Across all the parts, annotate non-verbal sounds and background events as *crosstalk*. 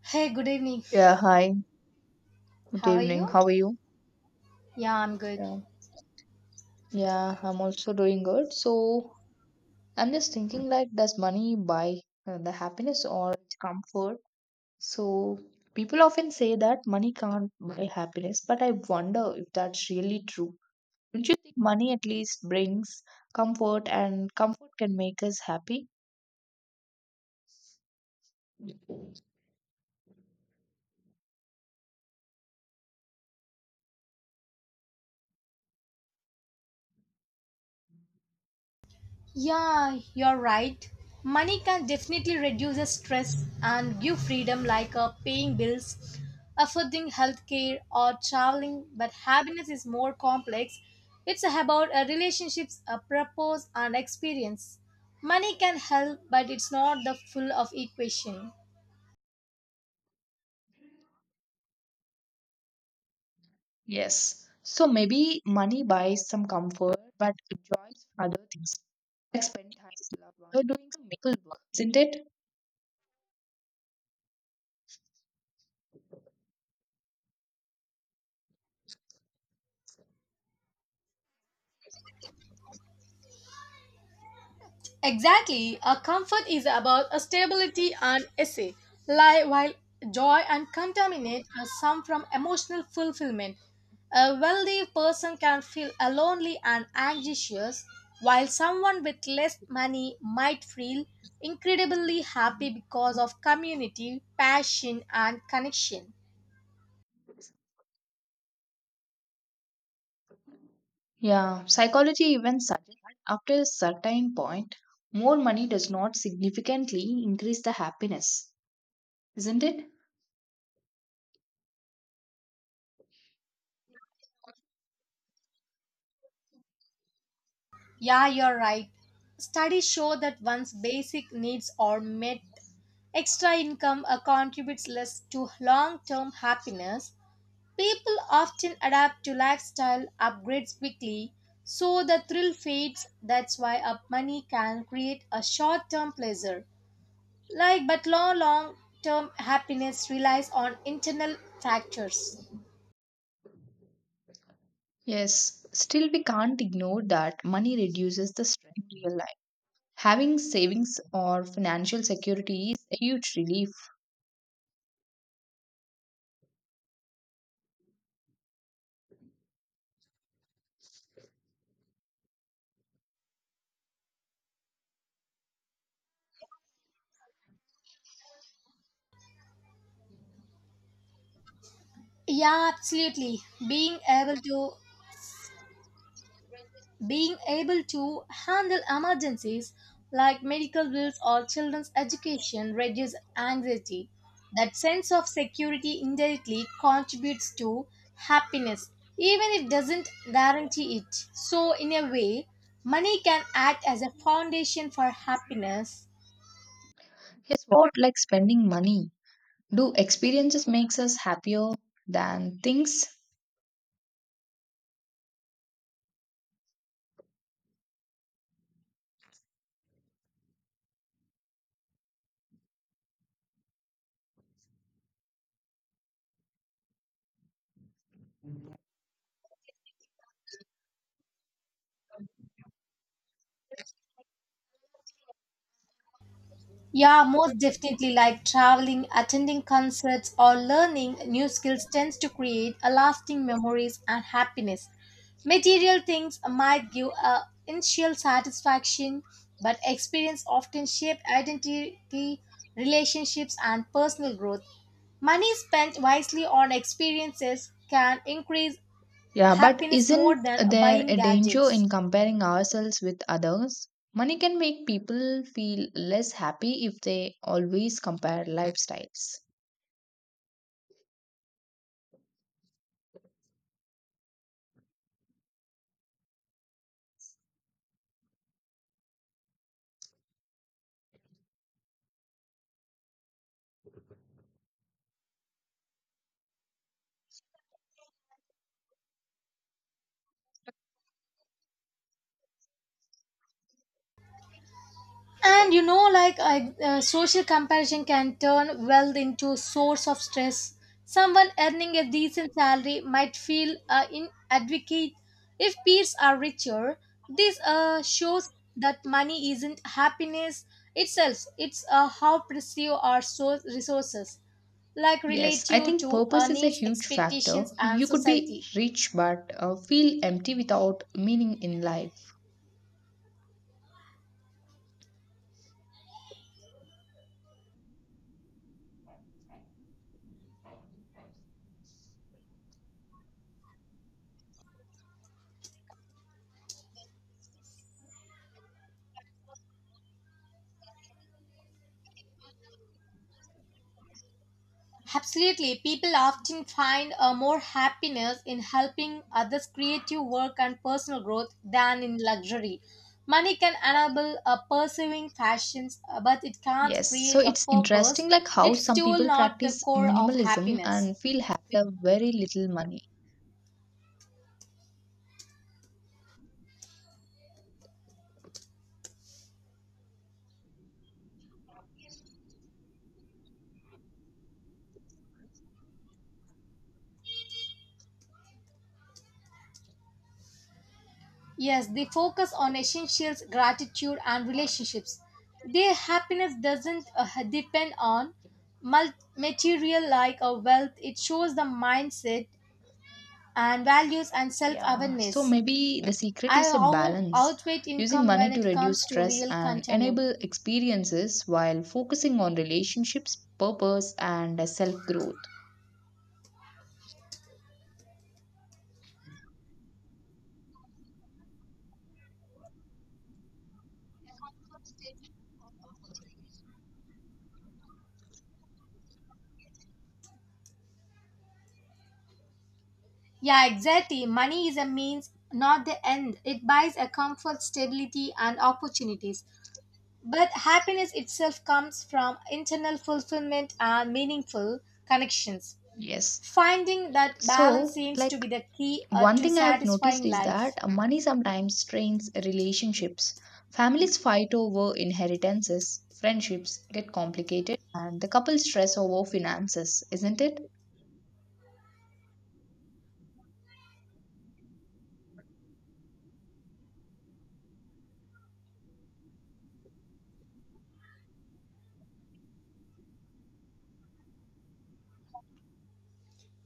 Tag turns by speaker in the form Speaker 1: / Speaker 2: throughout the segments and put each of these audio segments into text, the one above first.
Speaker 1: Hey, good evening.
Speaker 2: Yeah, hi. Good
Speaker 1: How are
Speaker 2: evening.
Speaker 1: you?
Speaker 2: How are you?
Speaker 1: Yeah, I'm good.
Speaker 2: Yeah. Yeah, I'm also doing good. So I'm just thinking like, does money buy the happiness or comfort? So people often say that money can't buy happiness, but I wonder if that's really true. Don't you think money at least brings comfort and comfort can make us happy?
Speaker 1: Yeah, you're right. Money can definitely reduce the stress and give freedom like paying bills, affording healthcare or traveling, but happiness is more complex. It's about a relationships, a purpose and experience. Money can help, but it's not the full of equation.
Speaker 2: Yes. So maybe money buys some comfort, but joys other things. Like spending time with loved ones or doing some meaningful work, isn't it?
Speaker 1: Exactly, a comfort is about a stability and essay, lie while joy and contaminate are some from emotional fulfillment. A wealthy person can feel a lonely and anxious, while someone with less money might feel incredibly happy because of community, passion, and connection.
Speaker 2: Yeah, psychology even suggests that after a certain point, more money does not significantly increase the happiness, isn't it?
Speaker 1: Yeah, you're right. Studies show that once basic needs are met, extra income contributes less to long term happiness. People often adapt to lifestyle upgrades quickly, so the thrill fades. That's why up money can create a short term pleasure, like but long term happiness relies on internal factors.
Speaker 2: Yes, still we can't ignore that money reduces the stress in real life. Having savings or financial security is a huge relief.
Speaker 1: Yeah, absolutely. Being able to Being able to handle emergencies like medical bills or children's education reduces anxiety. That sense of security indirectly contributes to happiness, even if it doesn't guarantee it. So, in a way, money can act as a foundation for happiness.
Speaker 2: Yes, what like spending money? Do experiences makes us happier than things?
Speaker 1: Yeah, most definitely. Like traveling, attending concerts, or learning new skills tends to create a lasting memories and happiness. Material things might give a initial satisfaction, but experience often shape identity, relationships, and personal growth. Money spent wisely on experiences can increase
Speaker 2: Yeah, but
Speaker 1: happiness more
Speaker 2: isn't
Speaker 1: than
Speaker 2: there
Speaker 1: buying
Speaker 2: a danger
Speaker 1: gadgets.
Speaker 2: in comparing ourselves with others? Money can make people feel less happy if they always compare lifestyles.
Speaker 1: And you know, like social comparison can turn wealth into a source of stress. Someone earning a decent salary might feel inadequate if peers are richer. This shows that money isn't happiness itself; it's how perceive our resources, like
Speaker 2: Yes, I
Speaker 1: relative
Speaker 2: think
Speaker 1: to
Speaker 2: purpose
Speaker 1: our
Speaker 2: is a
Speaker 1: needs,
Speaker 2: huge factor.
Speaker 1: expectations, and
Speaker 2: You could be
Speaker 1: society.
Speaker 2: rich but feel empty without meaning in life.
Speaker 1: Absolutely, people often find a more happiness in helping others' creative work and personal growth than in luxury. Money can enable a pursuing passions, but it can't
Speaker 2: Yes, so
Speaker 1: create a
Speaker 2: it's interesting
Speaker 1: purpose.
Speaker 2: like how
Speaker 1: It's
Speaker 2: some
Speaker 1: still
Speaker 2: people
Speaker 1: not the
Speaker 2: practice
Speaker 1: core of
Speaker 2: minimalism
Speaker 1: happiness.
Speaker 2: and feel happy with very little money.
Speaker 1: Yes, they focus on essentials, gratitude, and relationships. Their happiness doesn't depend on material like a wealth. It shows the mindset and values and
Speaker 2: Yeah, so
Speaker 1: self-awareness.
Speaker 2: maybe the secret
Speaker 1: I
Speaker 2: is a
Speaker 1: out-
Speaker 2: balance,
Speaker 1: outweigh
Speaker 2: using
Speaker 1: income when
Speaker 2: money to
Speaker 1: it
Speaker 2: reduce
Speaker 1: comes to
Speaker 2: stress
Speaker 1: real
Speaker 2: and
Speaker 1: contentment.
Speaker 2: enable experiences while focusing on relationships, purpose, and self growth.
Speaker 1: Yeah, exactly. Money is a means, not the end. It buys a comfort, stability, and opportunities. But happiness itself comes from internal fulfillment and meaningful connections.
Speaker 2: Yes.
Speaker 1: Finding that balance
Speaker 2: So,
Speaker 1: seems to
Speaker 2: like,
Speaker 1: be the key
Speaker 2: one
Speaker 1: to
Speaker 2: thing I have noticed
Speaker 1: satisfying
Speaker 2: is that
Speaker 1: life.
Speaker 2: money sometimes strains relationships. Families fight over inheritances, friendships get complicated, and the couple stress over finances, isn't it?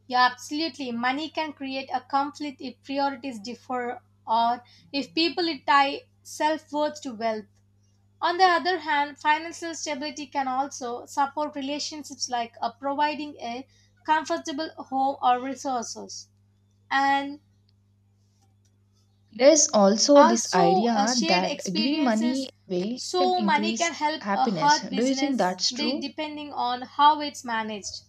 Speaker 1: Yeah, absolutely. Money can create a conflict if priorities differ or if people tie self worth to wealth. On the other hand, financial stability can also support relationships like providing a comfortable home or resources and
Speaker 2: There's also this
Speaker 1: also
Speaker 2: idea
Speaker 1: shared
Speaker 2: that giving money
Speaker 1: experiences.
Speaker 2: away can
Speaker 1: So, money
Speaker 2: increase
Speaker 1: can help a
Speaker 2: happiness.
Speaker 1: hard
Speaker 2: Do you think
Speaker 1: business
Speaker 2: that's
Speaker 1: be
Speaker 2: true?
Speaker 1: depending on how it's managed.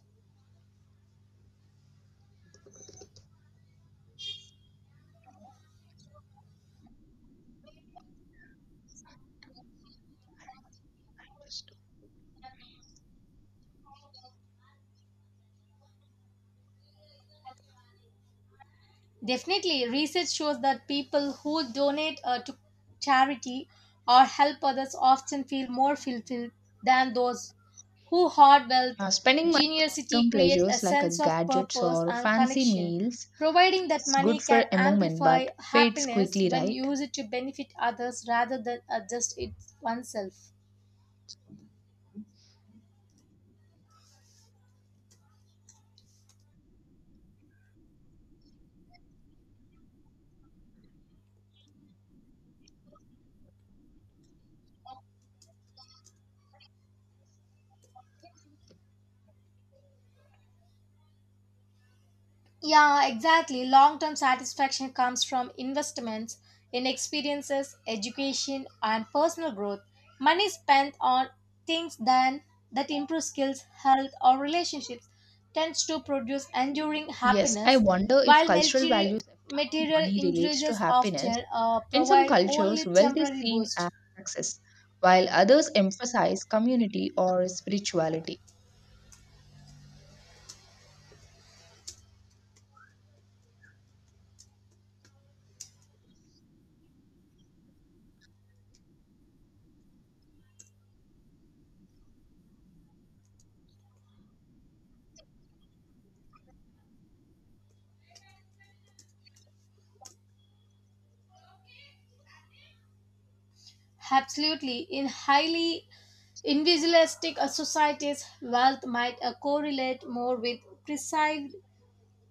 Speaker 1: Definitely, research shows that people who donate to charity or help others often feel more fulfilled than those who hoard wealth.
Speaker 2: Spending money on
Speaker 1: Generosity
Speaker 2: short-term
Speaker 1: creates a
Speaker 2: pleasures like
Speaker 1: sense of
Speaker 2: gadgets
Speaker 1: purpose
Speaker 2: or
Speaker 1: and
Speaker 2: fancy
Speaker 1: connection,
Speaker 2: meals
Speaker 1: providing that
Speaker 2: feels good
Speaker 1: money
Speaker 2: for
Speaker 1: can
Speaker 2: a moment
Speaker 1: amplify
Speaker 2: but fades
Speaker 1: happiness
Speaker 2: quickly,
Speaker 1: when
Speaker 2: right?
Speaker 1: used to benefit others rather than just it oneself. Yeah, exactly. Long term satisfaction comes from investments in experiences, education, and personal growth. Money spent on things done that improve skills, health, or relationships tends to produce enduring
Speaker 2: Yes, I
Speaker 1: happiness,
Speaker 2: wonder if
Speaker 1: while
Speaker 2: cultural values affect how
Speaker 1: material
Speaker 2: money relates to
Speaker 1: indulgences
Speaker 2: happiness.
Speaker 1: often
Speaker 2: In some
Speaker 1: provide
Speaker 2: cultures,
Speaker 1: only
Speaker 2: wealth is
Speaker 1: temporary
Speaker 2: seen as
Speaker 1: boost.
Speaker 2: success, while others emphasize community or spirituality.
Speaker 1: Absolutely. In highly individualistic societies, wealth might correlate more with precise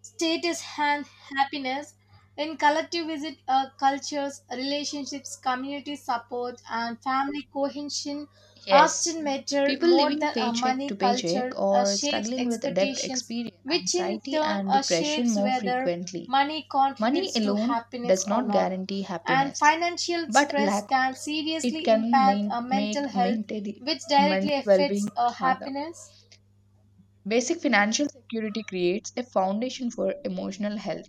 Speaker 1: status and happiness in collective visit cultures relationships community support and family cohesion often
Speaker 2: Yes,
Speaker 1: matter
Speaker 2: people
Speaker 1: more
Speaker 2: living
Speaker 1: than a
Speaker 2: paycheck
Speaker 1: money
Speaker 2: to paycheck
Speaker 1: culture
Speaker 2: or
Speaker 1: shapes
Speaker 2: struggling with debt
Speaker 1: expectations
Speaker 2: experience
Speaker 1: which in
Speaker 2: anxiety
Speaker 1: turn
Speaker 2: and depression
Speaker 1: shapes
Speaker 2: more
Speaker 1: whether
Speaker 2: frequently.
Speaker 1: money
Speaker 2: Money
Speaker 1: contributes to
Speaker 2: alone
Speaker 1: happiness
Speaker 2: does
Speaker 1: or
Speaker 2: not
Speaker 1: not,
Speaker 2: guarantee
Speaker 1: and
Speaker 2: happiness,
Speaker 1: financial
Speaker 2: but
Speaker 1: stress
Speaker 2: lack of
Speaker 1: can
Speaker 2: it
Speaker 1: seriously
Speaker 2: can
Speaker 1: impact
Speaker 2: make
Speaker 1: mental health
Speaker 2: maintaining
Speaker 1: which directly
Speaker 2: mental well being
Speaker 1: affects
Speaker 2: much harder.
Speaker 1: happiness.
Speaker 2: Basic financial security creates a foundation for emotional health.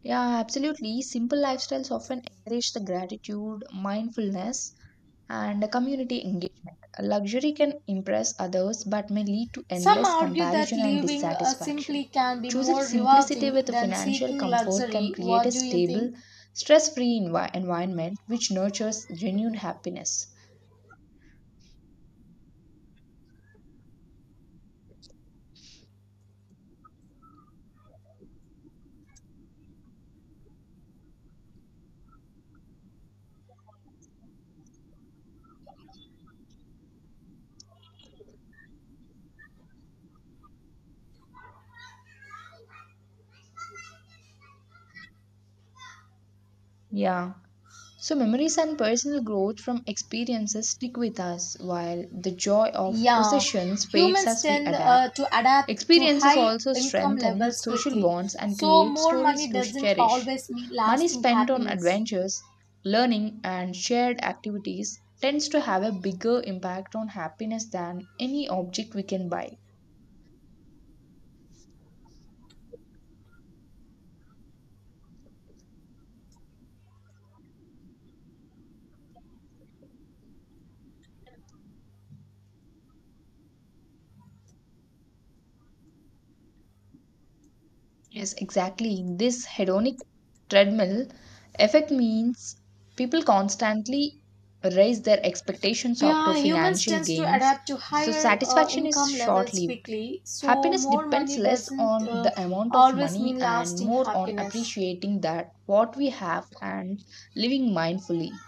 Speaker 2: Yeah, absolutely. Simple lifestyles often encourage the gratitude, mindfulness, and community engagement. Luxury can impress others but may lead to
Speaker 1: Some
Speaker 2: endless
Speaker 1: argue that
Speaker 2: comparison and
Speaker 1: living
Speaker 2: dissatisfaction.
Speaker 1: simply can be
Speaker 2: Choosing
Speaker 1: more
Speaker 2: simplicity
Speaker 1: rewarding
Speaker 2: with
Speaker 1: than
Speaker 2: financial
Speaker 1: seeking
Speaker 2: comfort can
Speaker 1: luxury.
Speaker 2: create a
Speaker 1: What do you
Speaker 2: stable,
Speaker 1: think?
Speaker 2: stress free environment which nurtures genuine happiness. Yeah. So, memories and personal growth from experiences stick with us, while the joy of
Speaker 1: Yeah,
Speaker 2: possessions fades
Speaker 1: humans
Speaker 2: as we
Speaker 1: tend
Speaker 2: adapt.
Speaker 1: to adapt to
Speaker 2: Experiences
Speaker 1: high
Speaker 2: also
Speaker 1: income
Speaker 2: strengthen
Speaker 1: levels
Speaker 2: social
Speaker 1: quickly.
Speaker 2: bonds and
Speaker 1: So
Speaker 2: create
Speaker 1: more
Speaker 2: stories
Speaker 1: money
Speaker 2: to
Speaker 1: doesn't
Speaker 2: cherish.
Speaker 1: always mean
Speaker 2: Money
Speaker 1: lasting
Speaker 2: spent on
Speaker 1: happiness.
Speaker 2: adventures, learning, and shared activities tends to have a bigger impact on happiness than any object we can buy. Yes, exactly. In this hedonic treadmill effect means people constantly raise their expectations up to
Speaker 1: Yeah, humans
Speaker 2: financial
Speaker 1: tends to
Speaker 2: gains,
Speaker 1: adapt to
Speaker 2: so
Speaker 1: higher
Speaker 2: satisfaction is
Speaker 1: income
Speaker 2: short
Speaker 1: levels
Speaker 2: lived.
Speaker 1: quickly. So
Speaker 2: Happiness
Speaker 1: more
Speaker 2: depends
Speaker 1: money
Speaker 2: less
Speaker 1: doesn't
Speaker 2: on the amount of
Speaker 1: always
Speaker 2: money
Speaker 1: mean
Speaker 2: and
Speaker 1: lasting
Speaker 2: more on
Speaker 1: happiness.
Speaker 2: appreciating that what we have and living mindfully.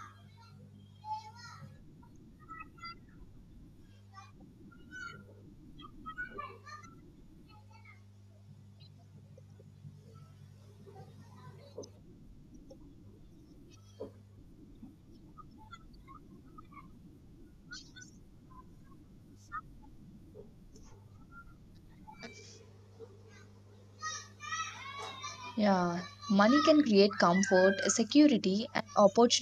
Speaker 2: Yeah, money can create comfort, security, and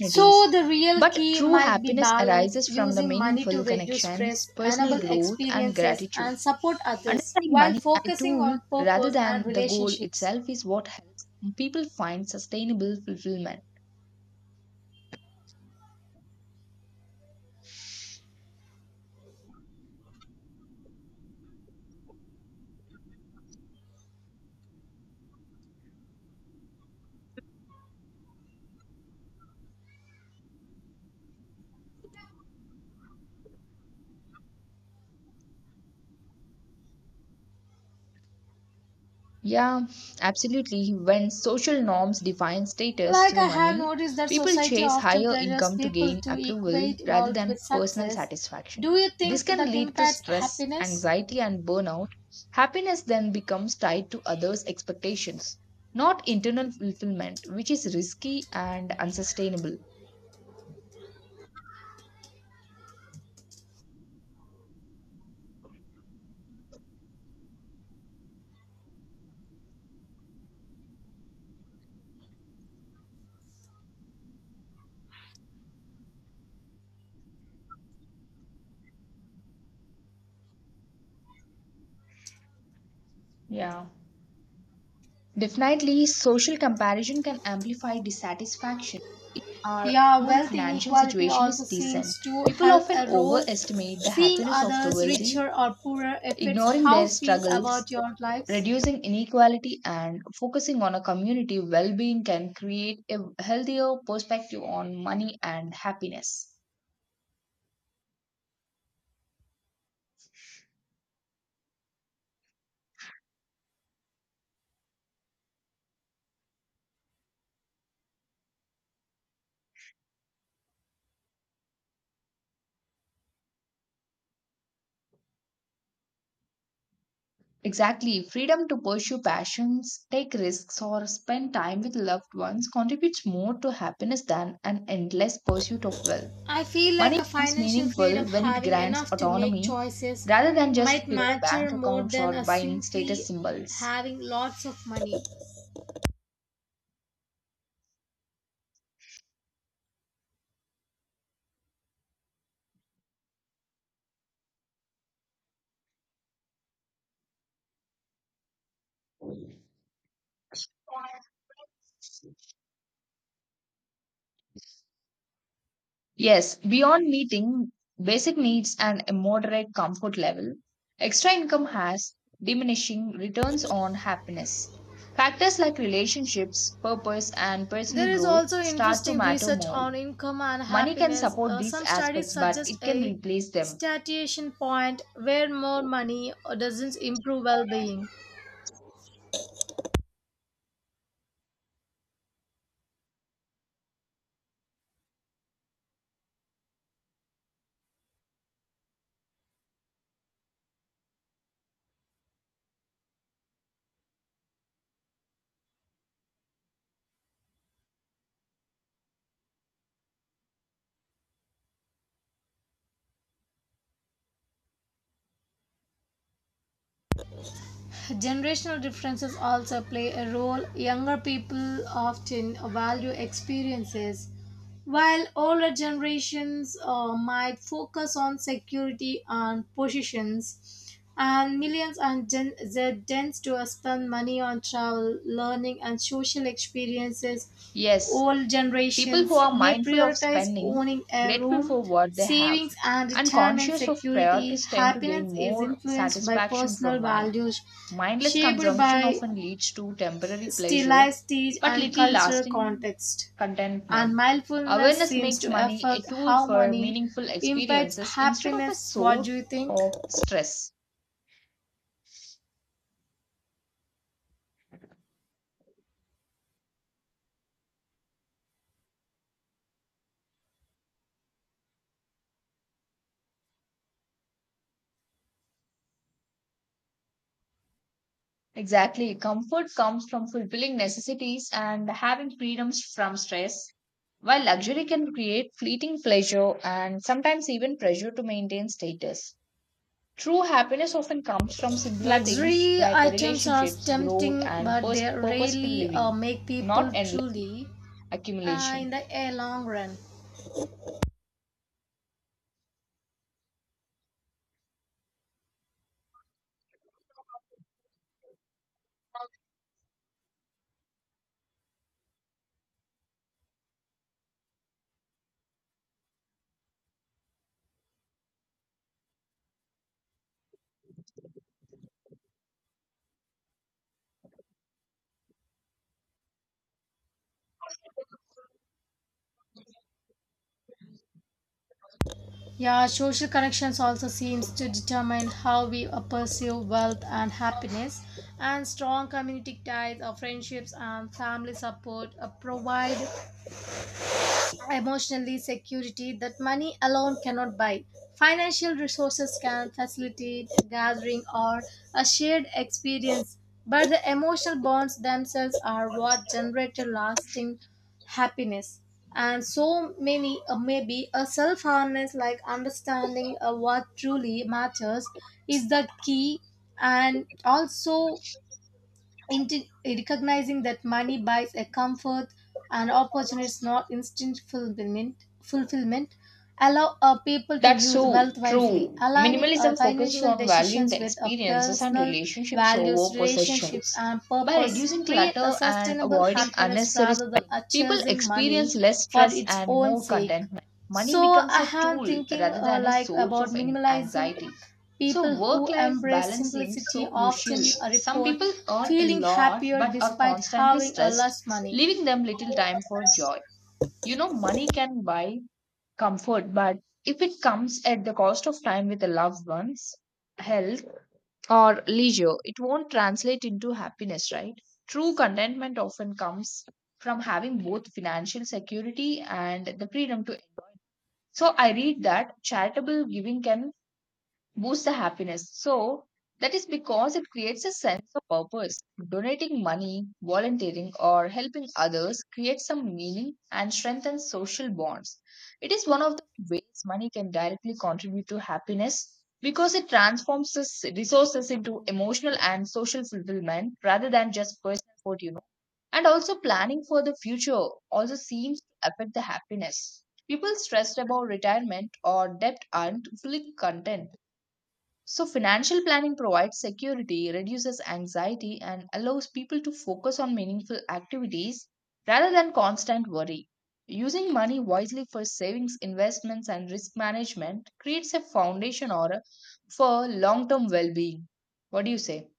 Speaker 1: So, the real
Speaker 2: But
Speaker 1: key
Speaker 2: true
Speaker 1: might be
Speaker 2: happiness
Speaker 1: balance,
Speaker 2: arises from the
Speaker 1: using money to
Speaker 2: meaningful
Speaker 1: reduce
Speaker 2: connections,
Speaker 1: stress,
Speaker 2: personal
Speaker 1: enable
Speaker 2: growth, and
Speaker 1: experiences,
Speaker 2: gratitude.
Speaker 1: and support others
Speaker 2: Understanding
Speaker 1: while
Speaker 2: money as a
Speaker 1: focusing
Speaker 2: tool
Speaker 1: on
Speaker 2: rather
Speaker 1: purpose and
Speaker 2: than the goal
Speaker 1: relationships.
Speaker 2: itself is what helps people find sustainable fulfillment. Yeah, absolutely. When social norms define status
Speaker 1: Like,
Speaker 2: through
Speaker 1: I have
Speaker 2: money,
Speaker 1: noticed that
Speaker 2: people
Speaker 1: society
Speaker 2: chase
Speaker 1: often
Speaker 2: higher
Speaker 1: pressures
Speaker 2: income to
Speaker 1: people
Speaker 2: gain
Speaker 1: to
Speaker 2: approval
Speaker 1: equate
Speaker 2: rather
Speaker 1: wealth
Speaker 2: than
Speaker 1: with
Speaker 2: personal
Speaker 1: success.
Speaker 2: satisfaction.
Speaker 1: Do you
Speaker 2: This
Speaker 1: think
Speaker 2: can
Speaker 1: that
Speaker 2: lead to
Speaker 1: impacts
Speaker 2: stress,
Speaker 1: happiness?
Speaker 2: anxiety, and burnout. Happiness then becomes tied to others' expectations, not internal fulfillment, which is risky and unsustainable. Yeah. Definitely, social comparison can amplify dissatisfaction. Even our
Speaker 1: Yeah,
Speaker 2: own
Speaker 1: wealth
Speaker 2: financial
Speaker 1: inequality
Speaker 2: situation is
Speaker 1: also
Speaker 2: decent.
Speaker 1: seems to
Speaker 2: People
Speaker 1: help
Speaker 2: often
Speaker 1: a role.
Speaker 2: overestimate the
Speaker 1: Seeing
Speaker 2: happiness of the
Speaker 1: others
Speaker 2: wealthy,
Speaker 1: richer or poorer affects
Speaker 2: ignoring
Speaker 1: how
Speaker 2: their
Speaker 1: you feel
Speaker 2: struggles,
Speaker 1: about your lives.
Speaker 2: reducing inequality, and focusing on a community well being can create a healthier perspective on money and happiness. Exactly, freedom to pursue passions, take risks, or spend time with loved ones contributes more to happiness than an endless pursuit of wealth.
Speaker 1: I feel like
Speaker 2: Money
Speaker 1: a
Speaker 2: becomes
Speaker 1: financial
Speaker 2: meaningful
Speaker 1: freedom
Speaker 2: when it
Speaker 1: having
Speaker 2: grants
Speaker 1: enough to make
Speaker 2: autonomy
Speaker 1: choices
Speaker 2: rather than just
Speaker 1: might
Speaker 2: filling
Speaker 1: matter
Speaker 2: bank
Speaker 1: more
Speaker 2: accounts
Speaker 1: than
Speaker 2: or
Speaker 1: a
Speaker 2: buying status
Speaker 1: simply
Speaker 2: symbols.
Speaker 1: having lots of money.
Speaker 2: Yes, beyond meeting basic needs and a moderate comfort level, extra income has diminishing returns on happiness. Factors like relationships, purpose, and personal
Speaker 1: There is
Speaker 2: growth
Speaker 1: also
Speaker 2: start to
Speaker 1: interesting
Speaker 2: matter
Speaker 1: research
Speaker 2: more.
Speaker 1: on income and
Speaker 2: Money can
Speaker 1: happiness.
Speaker 2: support these
Speaker 1: Some studies
Speaker 2: aspects, but
Speaker 1: suggest
Speaker 2: it can
Speaker 1: a
Speaker 2: replace them.
Speaker 1: satiation point where more money doesn't improve well-being. Generational differences also play a role. Younger people often value experiences. While older generations might focus on security and possessions, and millions and Gen Z tends to spend money on travel, learning, and social experiences,
Speaker 2: Yes,
Speaker 1: old
Speaker 2: people who
Speaker 1: generations
Speaker 2: are
Speaker 1: may
Speaker 2: mindful of
Speaker 1: prioritize
Speaker 2: spending,
Speaker 1: owning a
Speaker 2: grateful
Speaker 1: room,
Speaker 2: for what they have,
Speaker 1: savings, and
Speaker 2: and
Speaker 1: retirement
Speaker 2: conscious of
Speaker 1: security.
Speaker 2: priorities tend to
Speaker 1: Happiness
Speaker 2: gain
Speaker 1: is
Speaker 2: more
Speaker 1: influenced by
Speaker 2: satisfaction from
Speaker 1: personal
Speaker 2: money.
Speaker 1: values,
Speaker 2: Mindless
Speaker 1: shaped
Speaker 2: consumption
Speaker 1: by
Speaker 2: often leads to temporary pleasure
Speaker 1: stylized stage
Speaker 2: but
Speaker 1: and
Speaker 2: little
Speaker 1: cultural
Speaker 2: lasting
Speaker 1: context and
Speaker 2: contentment.
Speaker 1: mindfulness
Speaker 2: Awareness
Speaker 1: seems
Speaker 2: makes
Speaker 1: to
Speaker 2: money a
Speaker 1: affect
Speaker 2: tool
Speaker 1: how
Speaker 2: for
Speaker 1: money
Speaker 2: meaningful
Speaker 1: impacts
Speaker 2: experiences instead of a
Speaker 1: happiness. What do you
Speaker 2: source
Speaker 1: think?
Speaker 2: of stress. Exactly. Comfort comes from fulfilling necessities and having freedoms from stress, while luxury can create fleeting pleasure and sometimes even pressure to maintain status. True happiness often comes from simpler things
Speaker 1: Luxury
Speaker 2: like
Speaker 1: items are
Speaker 2: relationships, growth,
Speaker 1: tempting,
Speaker 2: and
Speaker 1: but they
Speaker 2: purposeful
Speaker 1: rarely
Speaker 2: living,
Speaker 1: make people
Speaker 2: not endless
Speaker 1: truly in
Speaker 2: accumulation.
Speaker 1: the long run. Yeah, social connections also seems to determine how we perceive wealth and happiness. And strong community ties, or friendships, and family support provide emotionally security that money alone cannot buy. Financial resources can facilitate a gathering or a shared experience, but the emotional bonds themselves are what generate a lasting happiness. And so many, maybe a self harness like understanding what truly matters is the key, and also recognizing that money buys a comfort and opportunities, not instant fulfillment allow people to
Speaker 2: That's
Speaker 1: use
Speaker 2: so
Speaker 1: wealth wisely,
Speaker 2: true.
Speaker 1: aligning our
Speaker 2: Minimalism focuses
Speaker 1: financial
Speaker 2: on valuing
Speaker 1: decisions
Speaker 2: the
Speaker 1: with our
Speaker 2: experiences and
Speaker 1: personal
Speaker 2: relationships over
Speaker 1: values, relationships,
Speaker 2: possessions.
Speaker 1: and
Speaker 2: By
Speaker 1: purpose.
Speaker 2: reducing
Speaker 1: Create a
Speaker 2: clutter and
Speaker 1: sustainable
Speaker 2: avoiding
Speaker 1: happiness
Speaker 2: unnecessary
Speaker 1: rather than
Speaker 2: spending,
Speaker 1: a
Speaker 2: people
Speaker 1: chasing
Speaker 2: experience
Speaker 1: money
Speaker 2: less
Speaker 1: for
Speaker 2: stress
Speaker 1: its
Speaker 2: and
Speaker 1: own
Speaker 2: more
Speaker 1: sake.
Speaker 2: contentment. Money
Speaker 1: So
Speaker 2: becomes
Speaker 1: I
Speaker 2: a
Speaker 1: am
Speaker 2: tool
Speaker 1: thinking
Speaker 2: rather than a
Speaker 1: like
Speaker 2: source of
Speaker 1: about minimalism.
Speaker 2: anxiety. So,
Speaker 1: People
Speaker 2: work
Speaker 1: who
Speaker 2: life
Speaker 1: embrace
Speaker 2: balance seems so
Speaker 1: simplicity often
Speaker 2: crucial. Some
Speaker 1: report
Speaker 2: people earn a
Speaker 1: feeling
Speaker 2: lot
Speaker 1: happier
Speaker 2: but are
Speaker 1: despite
Speaker 2: constantly
Speaker 1: having a
Speaker 2: stressed,
Speaker 1: less money.
Speaker 2: leaving them little time for joy. You know, money can buy comfort, but if it comes at the cost of time with the loved ones, health, or leisure, it won't translate into happiness, right? True contentment often comes from having both financial security and the freedom to enjoy. So I read that charitable giving can boosts the happiness. So that is because it creates a sense of purpose. Donating money, volunteering, or helping others creates some meaning and strengthens social bonds. It is one of the ways money can directly contribute to happiness because it transforms its resources into emotional and social fulfillment rather than just personal support, you know. And also planning for the future also seems to affect the happiness. People stressed about retirement or debt aren't fully content, so financial planning provides security, reduces anxiety, and allows people to focus on meaningful activities rather than constant worry. Using money wisely for savings, investments, and risk management creates a foundation or for long term well being. What do you say?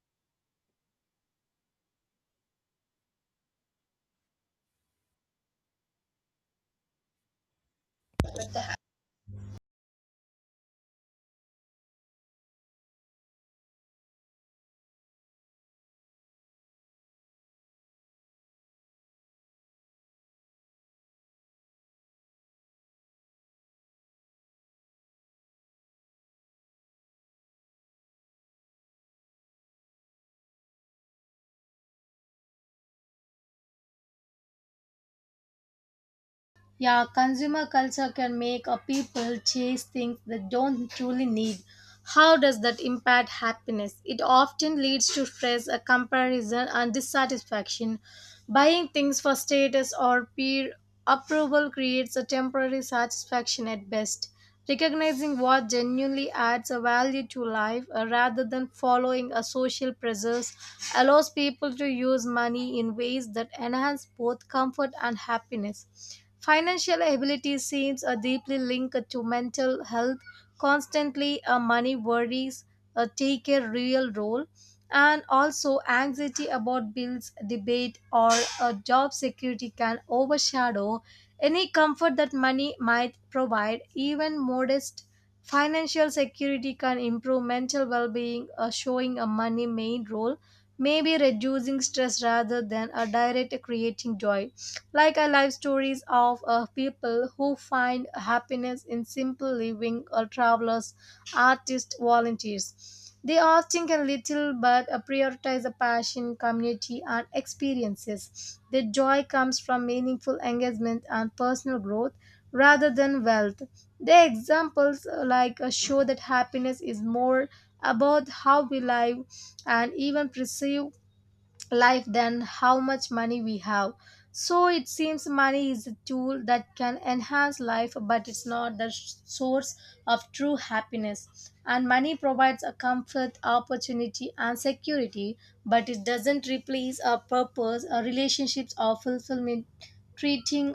Speaker 1: Yeah, consumer culture can make a people chase things they don't truly need. How does that impact happiness? It often leads to stress, a comparison, and dissatisfaction. Buying things for status or peer approval creates a temporary satisfaction at best. Recognizing what genuinely adds a value to life rather than following a social pressures allows people to use money in ways that enhance both comfort and happiness. Financial ability seems deeply linked to mental health. Constantly money worries take a real role, and also anxiety about bills debate or job security can overshadow any comfort that money might provide. Even modest financial security can improve mental well-being, showing a money main role maybe reducing stress rather than a direct creating joy. Like I live stories of people who find happiness in simple living or travelers, artist volunteers. They often can little but prioritize the passion, community, and experiences. Their joy comes from meaningful engagement and personal growth rather than wealth. The examples like show that happiness is more about how we live and even perceive life than how much money we have. So it seems money is a tool that can enhance life, but it's not the source of true happiness. And money provides a comfort, opportunity, and security, but it doesn't replace our purpose, our relationships, or fulfillment. Treating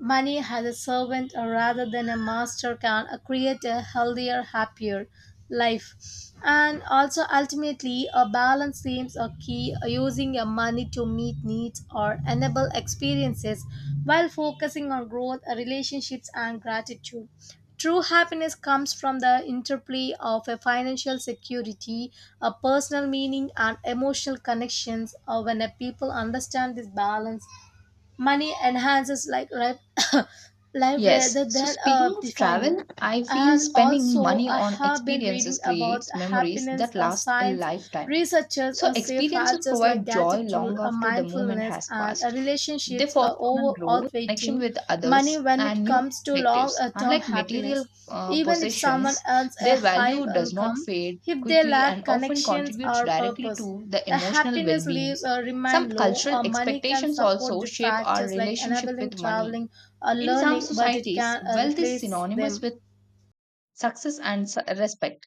Speaker 1: Money as a servant or rather than a master can create a healthier, happier life. And also, ultimately, a balance seems a key using your money to meet needs or enable experiences while focusing on growth, relationships, and gratitude. True happiness comes from the interplay of a financial security, a personal meaning, and emotional connections. Or when a people understand this balance, money enhances like life, *coughs* life rather
Speaker 2: Yes. So,
Speaker 1: than
Speaker 2: speaking of
Speaker 1: defining.
Speaker 2: travel, I feel
Speaker 1: And
Speaker 2: spending
Speaker 1: also
Speaker 2: money
Speaker 1: I
Speaker 2: on
Speaker 1: have been
Speaker 2: experiences
Speaker 1: reading about
Speaker 2: creates memories
Speaker 1: happiness
Speaker 2: that last a
Speaker 1: science.
Speaker 2: lifetime.
Speaker 1: Researchers
Speaker 2: So,
Speaker 1: say
Speaker 2: experiences
Speaker 1: factors like
Speaker 2: provide joy
Speaker 1: gratitude
Speaker 2: long after the moment
Speaker 1: mindfulness
Speaker 2: has
Speaker 1: and
Speaker 2: passed. They
Speaker 1: relationships are
Speaker 2: foster on
Speaker 1: over
Speaker 2: growth, connection
Speaker 1: outweighing
Speaker 2: with
Speaker 1: money
Speaker 2: others,
Speaker 1: when
Speaker 2: and
Speaker 1: it
Speaker 2: new
Speaker 1: comes to long
Speaker 2: perspectives.
Speaker 1: term
Speaker 2: Unlike material
Speaker 1: happiness. Even if someone
Speaker 2: possessions,
Speaker 1: earns a
Speaker 2: their
Speaker 1: high
Speaker 2: value does not
Speaker 1: income,
Speaker 2: fade
Speaker 1: if they
Speaker 2: quickly
Speaker 1: lack
Speaker 2: and often
Speaker 1: connections
Speaker 2: contributes
Speaker 1: or
Speaker 2: directly
Speaker 1: purpose,
Speaker 2: to the
Speaker 1: the
Speaker 2: emotional well
Speaker 1: happiness
Speaker 2: being.
Speaker 1: leaves
Speaker 2: Some
Speaker 1: remain low.
Speaker 2: cultural
Speaker 1: Money can
Speaker 2: expectations
Speaker 1: support
Speaker 2: also
Speaker 1: the
Speaker 2: shape our
Speaker 1: factors like
Speaker 2: relationship
Speaker 1: enabling
Speaker 2: with money.
Speaker 1: traveling or
Speaker 2: In some
Speaker 1: learning but it
Speaker 2: societies,
Speaker 1: can
Speaker 2: wealth is
Speaker 1: replace
Speaker 2: synonymous
Speaker 1: them.
Speaker 2: with success and respect.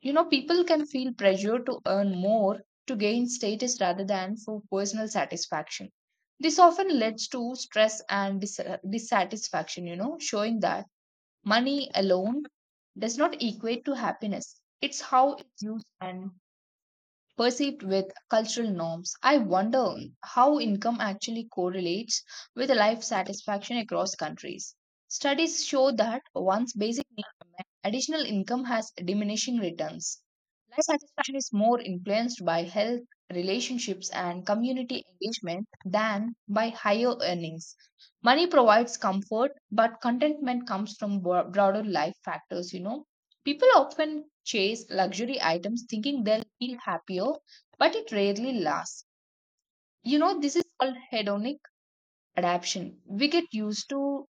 Speaker 2: You know, people can feel pressure to earn more to gain status rather than for personal satisfaction. This often leads to stress and dissatisfaction, you know, showing that money alone does not equate to happiness. It's how it's used and perceived with cultural norms. I wonder how income actually correlates with life satisfaction across countries. Studies show that once basic needs are met, additional income has diminishing returns. Life satisfaction is more influenced by health, relationships, and community engagement than by higher earnings. Money provides comfort, but contentment comes from broader life factors, you know. People often chase luxury items thinking they'll feel happier, but it rarely lasts. You know, this is called hedonic adaptation. We get used to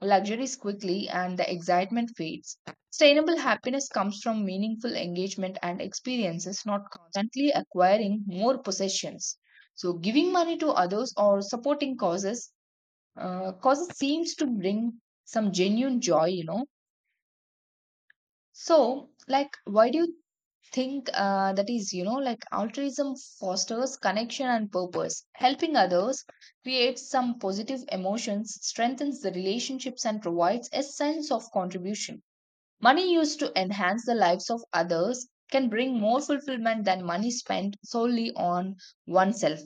Speaker 2: luxuries quickly and the excitement fades. Sustainable happiness comes from meaningful engagement and experiences, not constantly acquiring more possessions. So, giving money to others or supporting causes, causes seems to bring some genuine joy, you know. So, like, why do you think that is, you know, like altruism fosters connection and purpose. Helping others creates some positive emotions, strengthens the relationships, and provides a sense of contribution. Money used to enhance the lives of others can bring more fulfillment than money spent solely on oneself.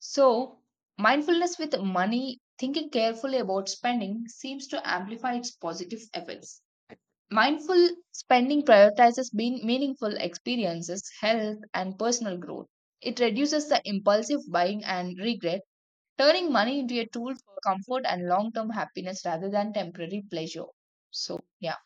Speaker 2: So mindfulness with money, thinking carefully about spending, seems to amplify its positive effects. Mindful spending prioritizes being meaningful experiences, health, and personal growth. It reduces the impulsive buying and regret, turning money into a tool for comfort and long term happiness rather than temporary pleasure. So, yeah.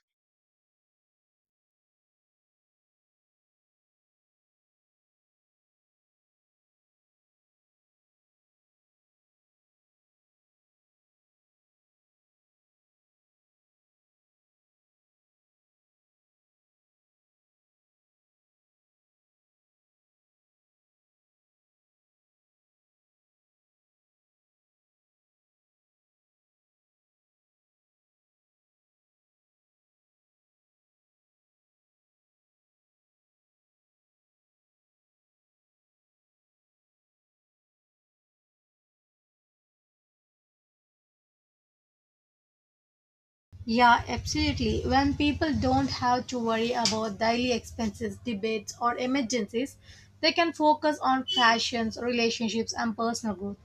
Speaker 1: Yeah, absolutely. When people don't have to worry about daily expenses, debates, or emergencies, they can focus on passions, relationships, and personal growth.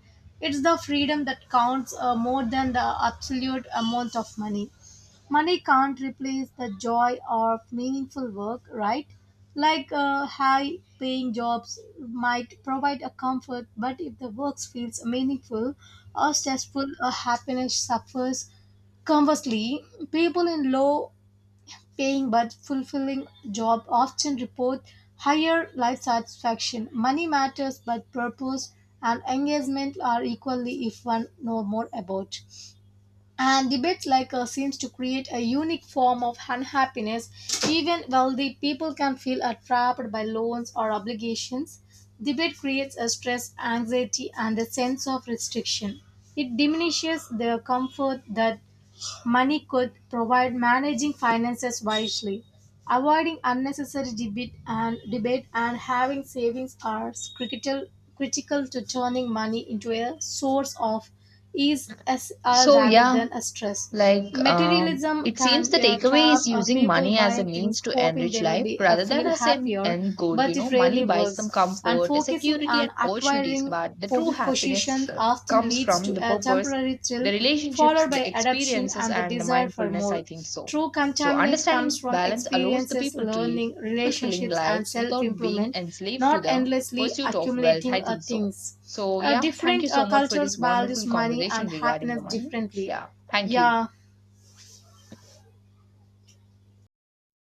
Speaker 1: It's the freedom that counts more than the absolute amount of money. Money can't replace the joy of meaningful work, right? Like high paying jobs might provide a comfort, but if the work feels meaningful or stressful, or happiness suffers. Conversely, people in low paying but fulfilling jobs often report higher life satisfaction. Money matters, but purpose and engagement are equally if one know more about. And debates like us seems to create a unique form of unhappiness. Even wealthy people can feel are trapped by loans or obligations. Debate creates a stress, anxiety, and a sense of restriction. It diminishes their comfort that Money could provide managing finances wisely, avoiding unnecessary debit and debate and having savings are critical. Critical to turning money into a source of ease as,
Speaker 2: So,
Speaker 1: rather
Speaker 2: yeah,
Speaker 1: than a stress.
Speaker 2: Like,
Speaker 1: Materialism
Speaker 2: it seems
Speaker 1: can
Speaker 2: the
Speaker 1: be a
Speaker 2: takeaway is
Speaker 1: trap of
Speaker 2: using
Speaker 1: people
Speaker 2: money as a
Speaker 1: buying things
Speaker 2: means to
Speaker 1: hoping
Speaker 2: enrich
Speaker 1: they will
Speaker 2: life
Speaker 1: be
Speaker 2: rather than
Speaker 1: feel
Speaker 2: as an
Speaker 1: happier,
Speaker 2: end goal. You
Speaker 1: but
Speaker 2: know,
Speaker 1: it
Speaker 2: money
Speaker 1: rarely
Speaker 2: buys some
Speaker 1: works. And
Speaker 2: comfort,
Speaker 1: focusing
Speaker 2: security,
Speaker 1: on
Speaker 2: and opportunities,
Speaker 1: acquiring
Speaker 2: but the true happiness
Speaker 1: possession often
Speaker 2: comes
Speaker 1: leads
Speaker 2: from
Speaker 1: to
Speaker 2: the
Speaker 1: a
Speaker 2: purpose,
Speaker 1: temporary
Speaker 2: the
Speaker 1: thrill
Speaker 2: relationships,
Speaker 1: followed
Speaker 2: the
Speaker 1: by adoption
Speaker 2: experiences,
Speaker 1: and the
Speaker 2: and the
Speaker 1: desire for
Speaker 2: mindfulness. I
Speaker 1: more.
Speaker 2: think so.
Speaker 1: True
Speaker 2: So,
Speaker 1: contentment
Speaker 2: understanding
Speaker 1: comes
Speaker 2: this
Speaker 1: from
Speaker 2: balance allows the
Speaker 1: experiences,
Speaker 2: people to live
Speaker 1: learning,
Speaker 2: fulfilling
Speaker 1: relationships, and
Speaker 2: lives
Speaker 1: self
Speaker 2: without being
Speaker 1: improvement,
Speaker 2: enslaved to
Speaker 1: not
Speaker 2: the
Speaker 1: endlessly
Speaker 2: pursuit of wealth. I
Speaker 1: accumulating
Speaker 2: think so.
Speaker 1: things.
Speaker 2: So, yeah, thank you
Speaker 1: Different
Speaker 2: so much for
Speaker 1: cultures
Speaker 2: this wonderful
Speaker 1: values money
Speaker 2: conversation
Speaker 1: and
Speaker 2: regarding the
Speaker 1: happiness
Speaker 2: money.
Speaker 1: differently.
Speaker 2: Yeah, thank you.
Speaker 1: Yeah,